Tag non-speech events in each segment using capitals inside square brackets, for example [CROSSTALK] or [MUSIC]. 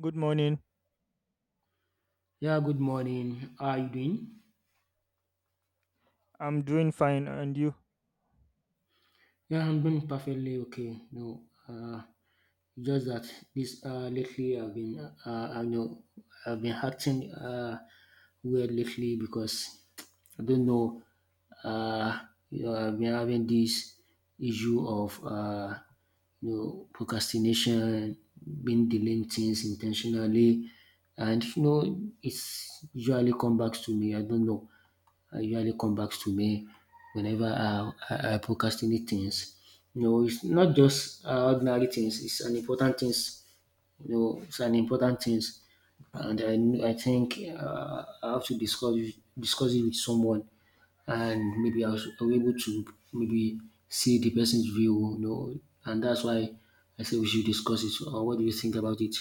Good morning. Yeah, good morning. How are you doing? I'm doing fine, and you? Yeah, I'm doing perfectly okay. No, just that this lately I've been I know I've been acting weird lately because I don't know. Uh, I've been having this issue of procrastination, being delaying things intentionally, and you know it's usually come back to me. I don't know. Usually come back to me whenever I procrastinate things. You know, it's not just ordinary things, it's an important things. You know, it's an important things. And I think I have to discuss it with someone, and maybe I was able to maybe see the person's view, you know, and that's why I say we should discuss it. What do you think about it?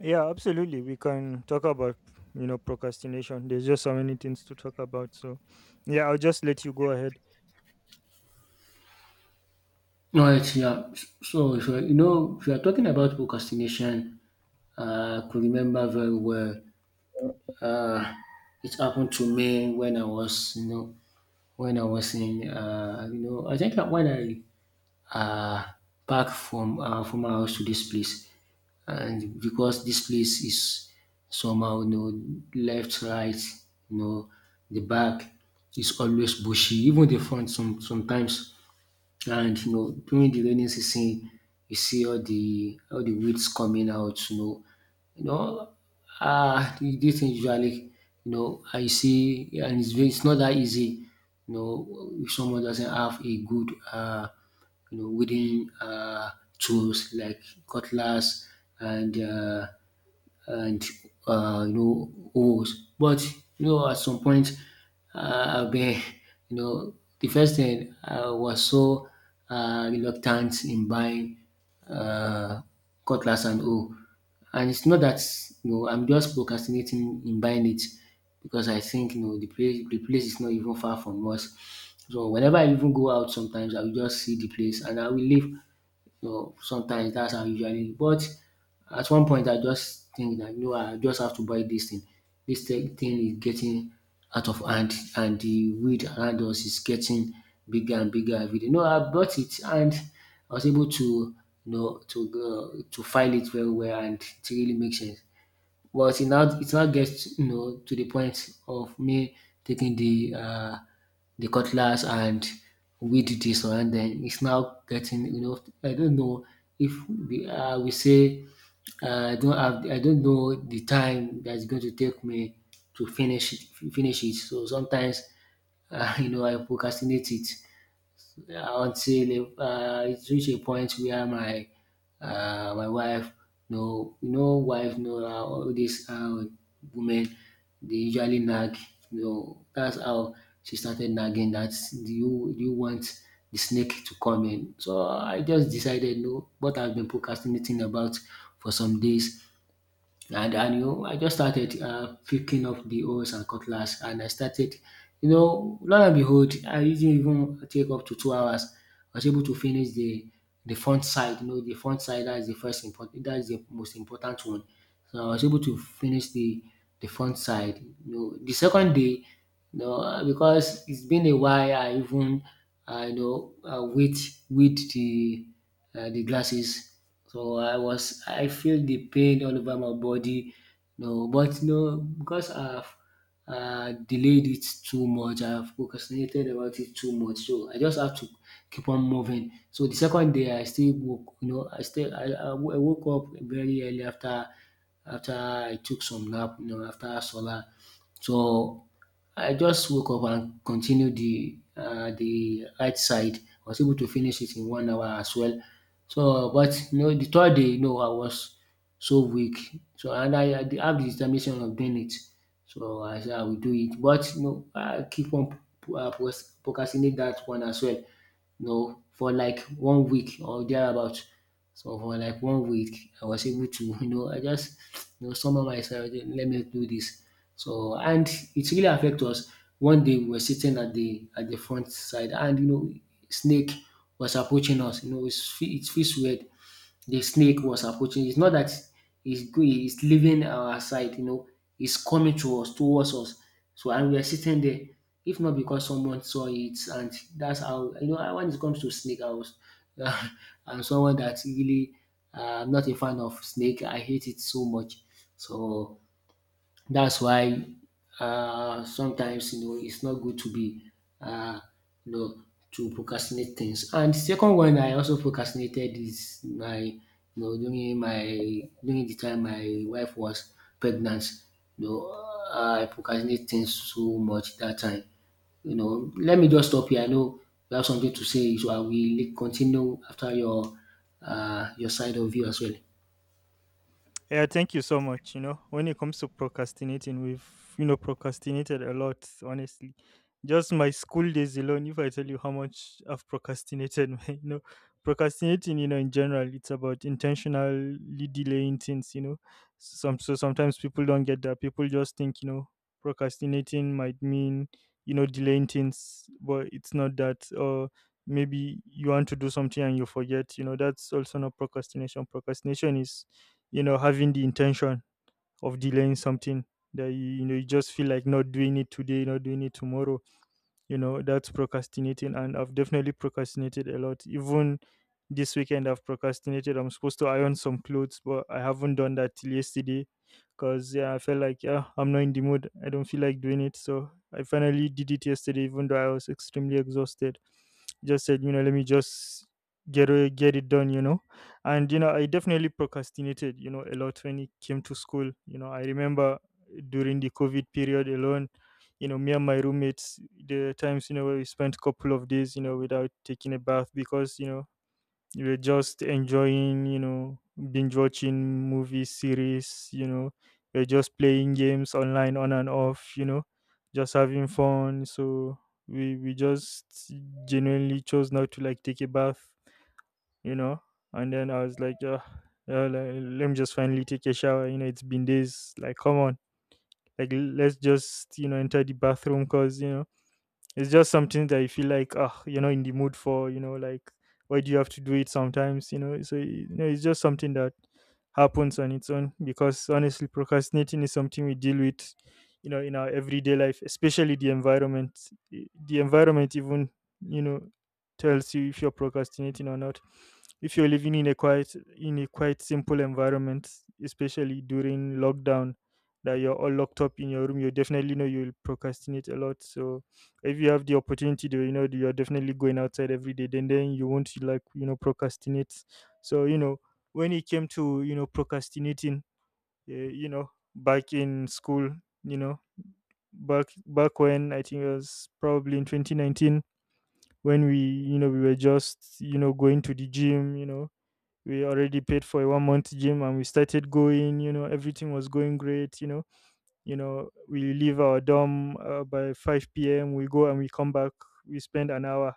Yeah, absolutely. We can talk about you know procrastination. There's just so many things to talk about. So, yeah, I'll just let you go ahead. Alright, yeah. So, if you're talking about procrastination, I could remember very well. Uh, it happened to me when I was I think that when I uh, back from my house to this place, and because this place is somehow, you know, left, right, you know, the back is always bushy, even the front sometimes. And during the rainy season, you see all the weeds coming out. You know, this thing usually, I see, and it's very, it's not that easy. If someone doesn't have a good, weeding tools like cutlass and and holes. But at some point I've been the first thing I was so reluctant in buying uh, cutlass and hoe. And it's not that I'm just procrastinating in buying it, because I think the place is not even far from us. So whenever I even go out sometimes, I will just see the place and I will leave. So sometimes that's how I usually. But at one point I just think that, no, I just have to buy this thing. Dis thing is getting out of hand, and the weed around us is getting bigger and bigger everyday. No, I bought it, and I was able to you know to to file it very well, and it really makes sense. But it now, it now gets, you know, to the point of me taking the cutlass and weed the surrounding. It's now getting, you know, I don't know if we, we say I don't have, I don't know the time that's going to take me to finish it. So sometimes, [LAUGHS] you know, I procrastinate it until it reach a point where my my wife, no wife, no, all these women, they usually nag, you know. That's how she started nagging that, do you want the snake to come in? So I just decided, no, what I've been procrastinating about for some days, and you know, I just started picking up the hoes and cutlass, and I started, you know, lo and behold, I didn't even take up to 2 hours. I was able to finish the front side. You know, the front side, that is the first important, that is the most important one. So I was able to finish the front side. You know, the second day, you know, because it's been a while, I even, I wait with the glasses. So I was, I feel the pain all over my body. No, but no, because I've delayed it too much. I've procrastinated about it too much. So I just have to keep on moving. So the second day I still woke, you know, I still I wo- I woke up very early after after I took some nap, you know, after solar. So I just woke up and continued the right side. I was able to finish it in 1 hour as well. So, but you know, the third day, you know, I was so weak. So, and I did have the determination of doing it. So I said I will do it, but you know, I keep on procrastinate that one as well. No, for like 1 week or thereabout. So for like 1 week, I was able to, [LAUGHS] you know, I just, you know, summon myself, "Okay, let me do this." So, and it really affected us. One day we were sitting at the front side, and you know, snake was approaching us. You know, it feels weird, the snake was approaching. It's not that it's good, it's leaving our side, you know, it's coming to us, towards us. So, and we are sitting there. If not because someone saw it. And that's how, you know, when it comes to snake, I was [LAUGHS] I'm someone that really I'm not a fan of snake. I hate it so much. So that's why sometimes you know it's not good to be uh, you know to procrastinate things. And the second one I also procrastinated is my during my, during the time my wife was pregnant. You know, I procrastinate things so much that time. You know, let me just stop here. I know you have something to say, so I will continue after your side of view as well. Yeah, thank you so much. You know, when it comes to procrastinating, we've you know procrastinated a lot, honestly. Just my school days alone, if I tell you how much I've procrastinated, [LAUGHS] man, you know, procrastinating, you know, in general, it's about intentionally delaying things, you know. Sometimes people don't get that. People just think, you know, procrastinating might mean, you know, delaying things, but it's not that. Or maybe you want to do something and you forget, you know, that's also not procrastination. Procrastination is you know having the intention of delaying something that you know you just feel like not doing it today, not doing it tomorrow, you know that's procrastinating. And I've definitely procrastinated a lot. Even this weekend I've procrastinated. I'm supposed to iron some clothes, but I haven't done that till yesterday because yeah, I felt like, yeah, I'm not in the mood, I don't feel like doing it. So I finally did it yesterday even though I was extremely exhausted. Just said you know let me just get it done you know. And you know I definitely procrastinated you know a lot when it came to school. You know I remember during the COVID period alone, you know me and my roommates, the times you know where we spent couple of days you know without taking a bath because you know you were just enjoying, you know, binge watching movies, series, you know, you're just playing games online on and off, you know, just having fun. So we just genuinely chose not to like take a bath, you know. And then I was like, yeah, yeah, like, let me just finally take a shower, you know it's been days, like come on, like let's just you know enter the bathroom because you know it's just something that you feel like, ah, you're not in the mood for, you know, like, why do you have to do it sometimes, you know? So, you know, it's just something that happens on its own because honestly, procrastinating is something we deal with, you know, in our everyday life, especially the environment. The environment even, you know, tells you if you're procrastinating or not. If you're living in a quite, in a quite simple environment, especially during lockdown, that you're all locked up in your room, you definitely know you'll procrastinate a lot. So if you have the opportunity to, you know, you're definitely going outside every day, then you won't like you know procrastinate. So you know when it came to you know procrastinating, you know back in school, you know, back when I think it was probably in 2019, when we, you know, we were just you know going to the gym, you know we already paid for a 1 month gym and we started going, you know everything was going great, you know. You know we leave our dorm by 5 p.m, we go and we come back, we spend an hour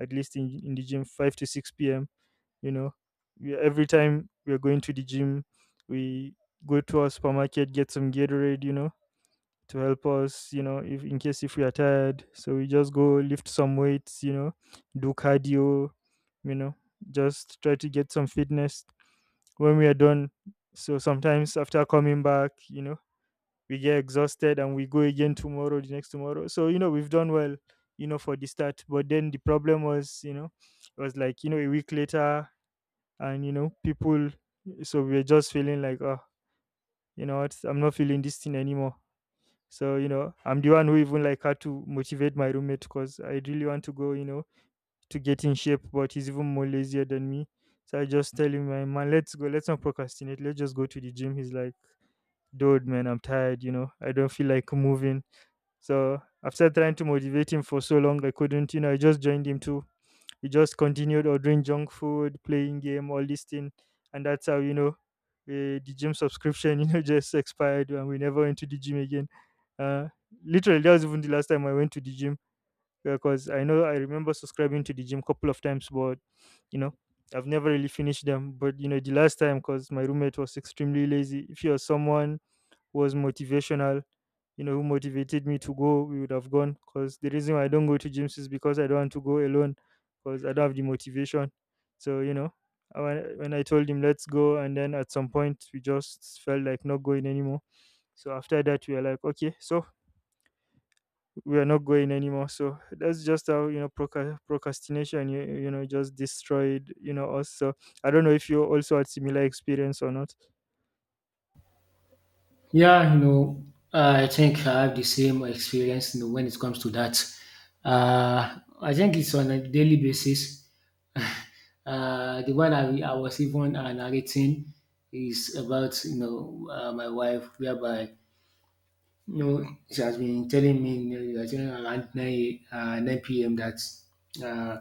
at least in the gym, 5 to 6 p.m, you know. We, every time we are going to the gym, we go to our supermarket, get some Gatorade, you know, to help us, you know, if in case if we are tired. So we just go lift some weights, you know, do cardio, you know, just try to get some fitness when we are done. So sometimes after coming back, you know, we get exhausted and we go again tomorrow, the next tomorrow. So, you know, we've done well, you know, for the start. But then the problem was, you know, it was like, you know, a week later and, you know, people, so we were just feeling like, oh, you know what, I'm not feeling this thing anymore. So, you know, I'm the one who even like had to motivate my roommate because I really want to go, you know, to get in shape, but he's even more lazier than me. So I just tell him, man, man, let's go. Let's not procrastinate. Let's just go to the gym. He's like, dude, man, I'm tired. You know, I don't feel like moving. So after trying to motivate him for so long, I couldn't, you know, I just joined him too. He just continued ordering junk food, playing game, all this thing. And that's how, you know, the gym subscription, [LAUGHS] you know, just expired and we never went to the gym again. Uh, Literally, that was even the last time I went to the gym, because I know I remember subscribing to the gym couple of times, but, you know, I've never really finished them. But, you know, the last time because my roommate was extremely lazy. If you're someone was motivational, you know, who motivated me to go, we would have gone. Because the reason why I don't go to gyms is because I don't want to go alone, because I don't have the motivation. So, you know, I- when I told him, let's go, and then at some point, we just felt like not going anymore. So after that, we were like, okay, so we are not going anymore. So that's just how you know procrastination, you know, just destroyed you know us. So I don't know if you also had similar experience or not. Yeah, you know, I think I have the same experience, you know, when it comes to that. I think it's on a daily basis. The one I was even narrating is about, you know, my wife, whereby you know she has been telling me, you know, you are telling around 9 p.m. that uh,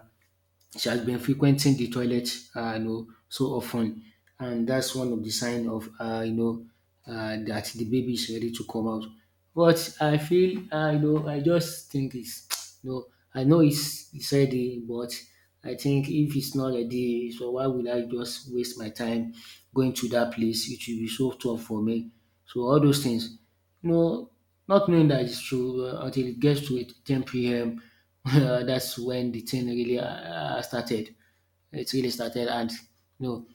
she has been frequenting the toilet, you know, so often, and that's one of the sign of, that the baby is ready to come out. But I feel, you know, I just think it's, [TSK] you know, I know it's ready, but I think if it's not ready, so why would I just waste my time going to that place? It will be so tough for me. So all those things. No, not knowing that it's true until it gets to it, 10 p.m. [LAUGHS] That's when the thing really started. It really started, and no,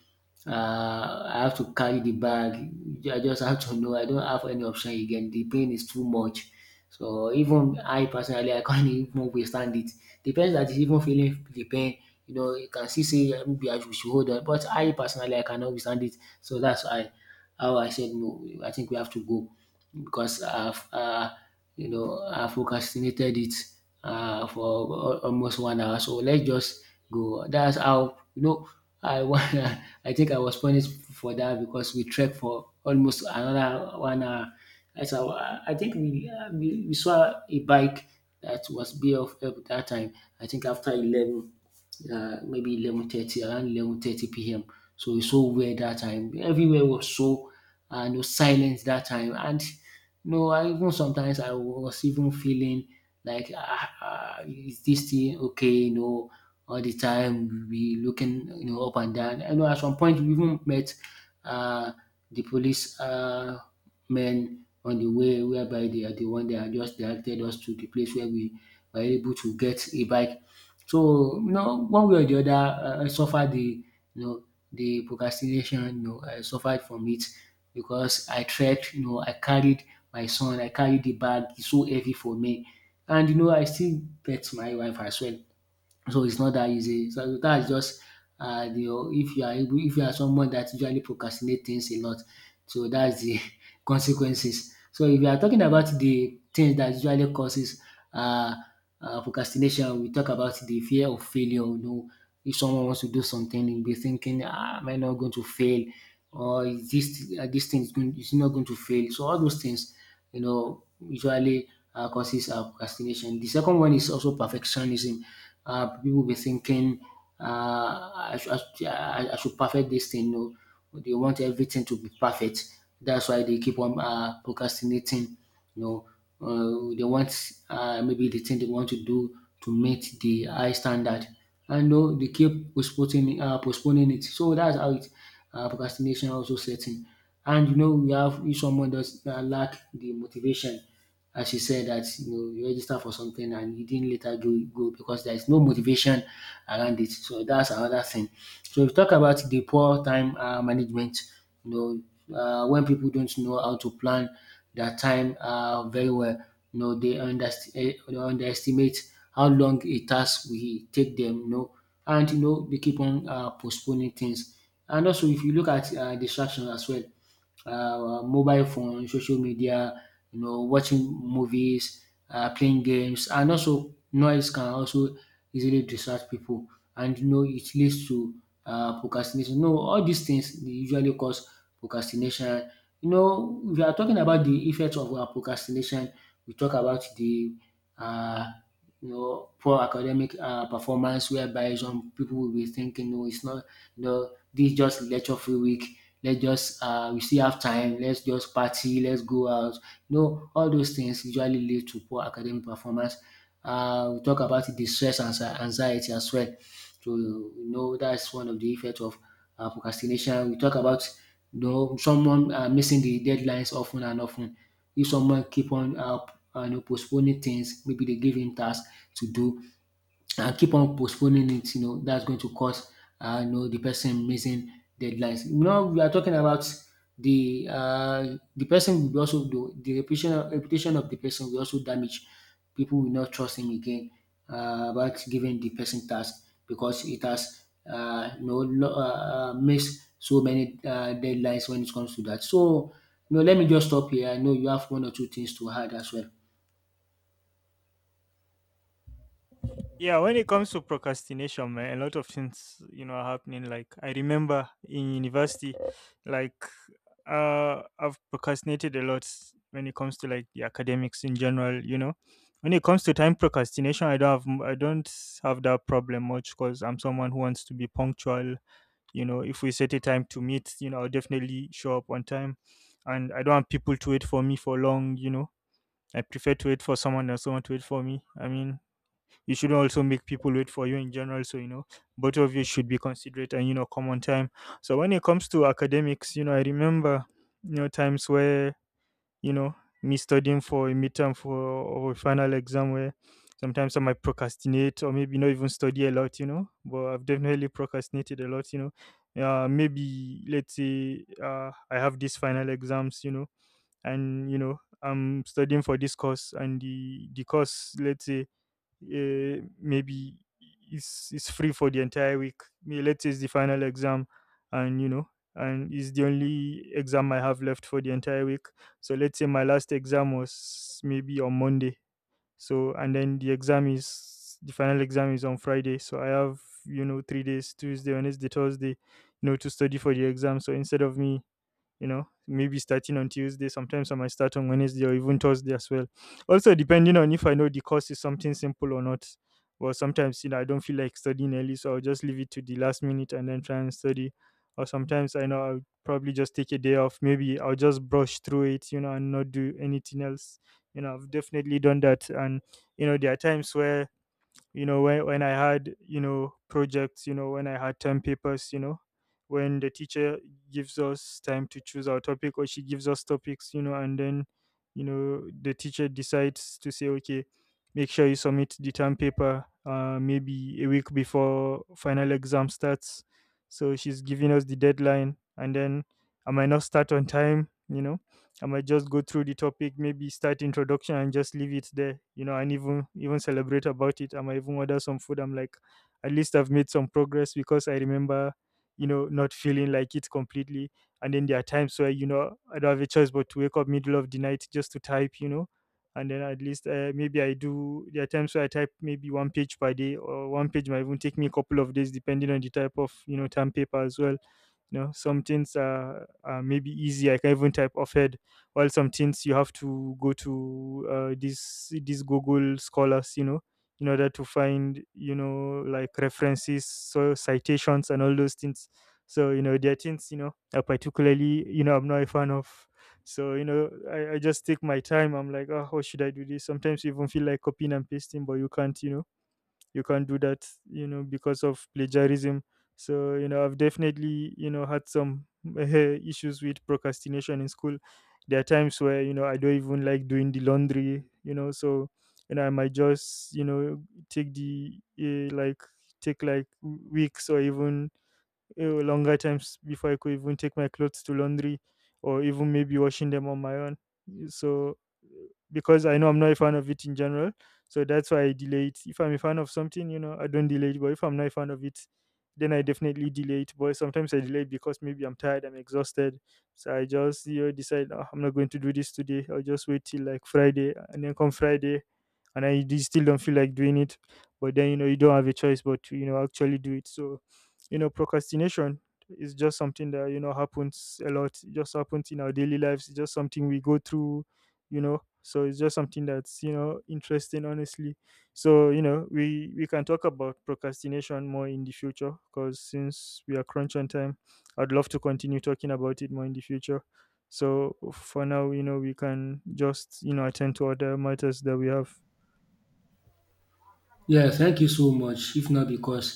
I have to carry the bag. I just have to know I don't have any option again. The pain is too much. So even I personally, I can't [LAUGHS] even withstand it. The person that is even feeling the pain, you know, you can see say maybe I should hold on, but I personally I cannot withstand it. So that's why, how I said no. I think we have to go because I've you know I've procrastinated it for almost 1 hour. So let's just go. That's how, you know, I wa- [LAUGHS] I think I was punished for that, because we trekked for almost another 1 hour. That's how I think we, we saw a bike that was be of help that time. I think after 11, maybe 11:30, around 11:30 p.m. So it's so weird that time. Everywhere was so, and was silent that time. And no. I even sometimes I was even feeling like, ah, ah, is this thing okay? You know, all the time we looking, you know, up and down. I know at some point we even met uh, the police men on the way, whereby they are the one that had just directed us to the place where we were able to get a bike. So you know, one way or the other, I suffered the you know the procrastination, you know, I suffered from it because I trekked, you know, I carried my son, I carried the bag, it's so heavy for me. And you know, I still bet my wife as well. So it's not that easy. So that's just the, if you are able, if you are someone that usually procrastinate things a lot, so that's the [LAUGHS] consequences. So if you are talking about the things that usually causes uh, procrastination, we talk about the fear of failure. You know, if someone wants to do something, you'll be thinking, ah, am I not going to fail? Or is this this thing is going, is it not going to fail? So all those things, you know, usually causes procrastination. The second one is also perfectionism. People be thinking, I, should, yeah, I should perfect this thing. No, they want everything to be perfect. That's why they keep on procrastinating. You know, they want maybe the thing they want to do to meet the high standard, and you, they keep postponing it. So that's how it procrastination also setting. And you know we have, if someone does lack the motivation, as you said that you know you register for something and you didn't later go because there is no motivation around it. So that's another thing. So if you talk about the poor time management, you know, when people don't know how to plan their time very well, you know they underestimate how long a task will take them. You know, and you know they keep on postponing things. And also if you look at distractions as well, mobile phone, social media, you know, watching movies, playing games, and also noise can also easily distract people, and you know it leads to procrastination. No, all these things dey usually cause procrastination. You know, if you are talking about the effects of procrastination, we talk about the uh, you know poor academic performance, whereby some people will be thinking, no it's not, you know, this is just lecture free week, let's just we still have time, let's just party, let's go out. You know, all those things usually lead to poor academic performance. We talk about the stress and anxiety as well. So you know that's one of the effects of procrastination. We talk about you know someone missing the deadlines often and often. If someone keep on you know, postponing things, maybe they give him tasks to do, and keep on postponing it, you know, that's going to cause, you know, the person missing deadlines. You know, we are talking about the person will be also do the reputation of the person will also damage. People will not trust him again about giving the person task because it has you know missed so many deadlines when it comes to that. So, you know, let me just stop here. I know you have one or two things to add as well. Yeah, when it comes to procrastination, man, a lot of things you know are happening. Like I remember in university, like I've procrastinated a lot when it comes to like the academics in general, you know. When it comes to time procrastination, I don't have that problem much because I'm someone who wants to be punctual. You know, if we set a time to meet, you know, I'll definitely show up on time, and I don't want people to wait for me for long. You know, I prefer to wait for someone than someone to wait for me. I mean, you shouldn't also make people wait for you in general. So you know both of you should be considerate and, you know, come on time. So when it comes to academics, you know, I remember, you know, times where, you know, me studying for a midterm for or a final exam, where sometimes I might procrastinate or maybe not even study a lot, you know, but I've definitely procrastinated a lot, you know. Maybe let's say I have these final exams, you know, and you know I'm studying for this course and the course, let's say, maybe is free for the entire week. Let's say it's the final exam, and you know, and it's the only exam I have left for the entire week. So let's say my last exam was maybe on Monday, so and then the exam, is the final exam is on Friday, so I have, you know, 3 days, Tuesday, Wednesday, Thursday you know, to study for the exam. So instead of me, you know, maybe starting on Tuesday, sometimes I might start on Wednesday or even Thursday as well, also depending on if I know the course is something simple or not. Well sometimes, you know, I don't feel like studying early, so I'll just leave it to the last minute and then try and study. Or sometimes I know I'll probably just take a day off, maybe I'll just brush through it, you know, and not do anything else. You know, I've definitely done that. And you know there are times where, you know, when I had, you know, projects, you know, when I had term papers, you know, when the teacher gives us time to choose our topic, or she gives us topics, you know, and then, you know, the teacher decides to say, okay, make sure you submit the term paper maybe a week before final exam starts. So she's giving us the deadline, and then I might not start on time, you know. I might just go through the topic, maybe start introduction and just leave it there, you know, and even celebrate about it. I might even order some food. I'm like, at least I've made some progress, because I remember, you know, not feeling like it completely. And then there are times where, you know, I don't have a choice but to wake up middle of the night just to type, you know. And then at least maybe I do. There are times where I type maybe one page per day, or one page might even take me a couple of days, depending on the type of, you know, term paper as well. You know, some things are maybe easy, I can even type off head, while some things you have to go to these Google Scholars, you know, in order to find, you know, like references, so citations and all those things. So you know there are things, you know, I particularly, you know, I'm not a fan of. So you know I just take my time. I'm like, oh, how should I do this? Sometimes you even feel like copying and pasting, but you can't, you know, you can't do that, you know, because of plagiarism. So you know I've definitely, you know, had some [LAUGHS] issues with procrastination in school. There are times where, you know, I don't even like doing the laundry, you know. So you know I might just, you know, take the like take like weeks or even longer times before I could even take my clothes to laundry, or even maybe washing them on my own. So, because I know I'm not a fan of it in general, so that's why I delay it. If I'm a fan of something, you know, I don't delay it. But if I'm not a fan of it, then I definitely delay it. But sometimes I delay it because maybe I'm tired, I'm exhausted. So I just, you know, decide, "Ah, I'm not going to do this today. I'll just wait till like Friday," and then come Friday, and I still don't feel like doing it. But then, you know, you don't have a choice but to, you know, actually do it. So you know procrastination is just something that, you know, happens a lot. It just happens in our daily lives, it's just something we go through, you know. So it's just something that's, you know, interesting honestly. So you know we can talk about procrastination more in the future, because since we are crunch on time, I'd love to continue talking about it more in the future. So for now, you know, we can just, you know, attend to other matters that we have. Yeah, thank you so much. If not because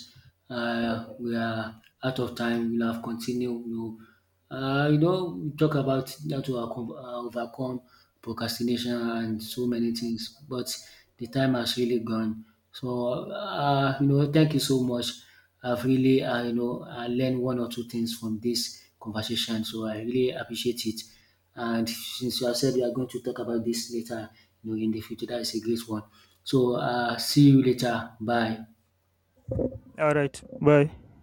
we are out of time, we'll have continued. We'll, you know, we talk about how to overcome, overcome procrastination and so many things, but the time has really gone. So, you know, thank you so much. I've really, you know, I learned one or two things from this conversation, so I really appreciate it. And since you have said we are going to talk about this later, you know, in the future, that is a great one. So see you later. Bye. All right, bye.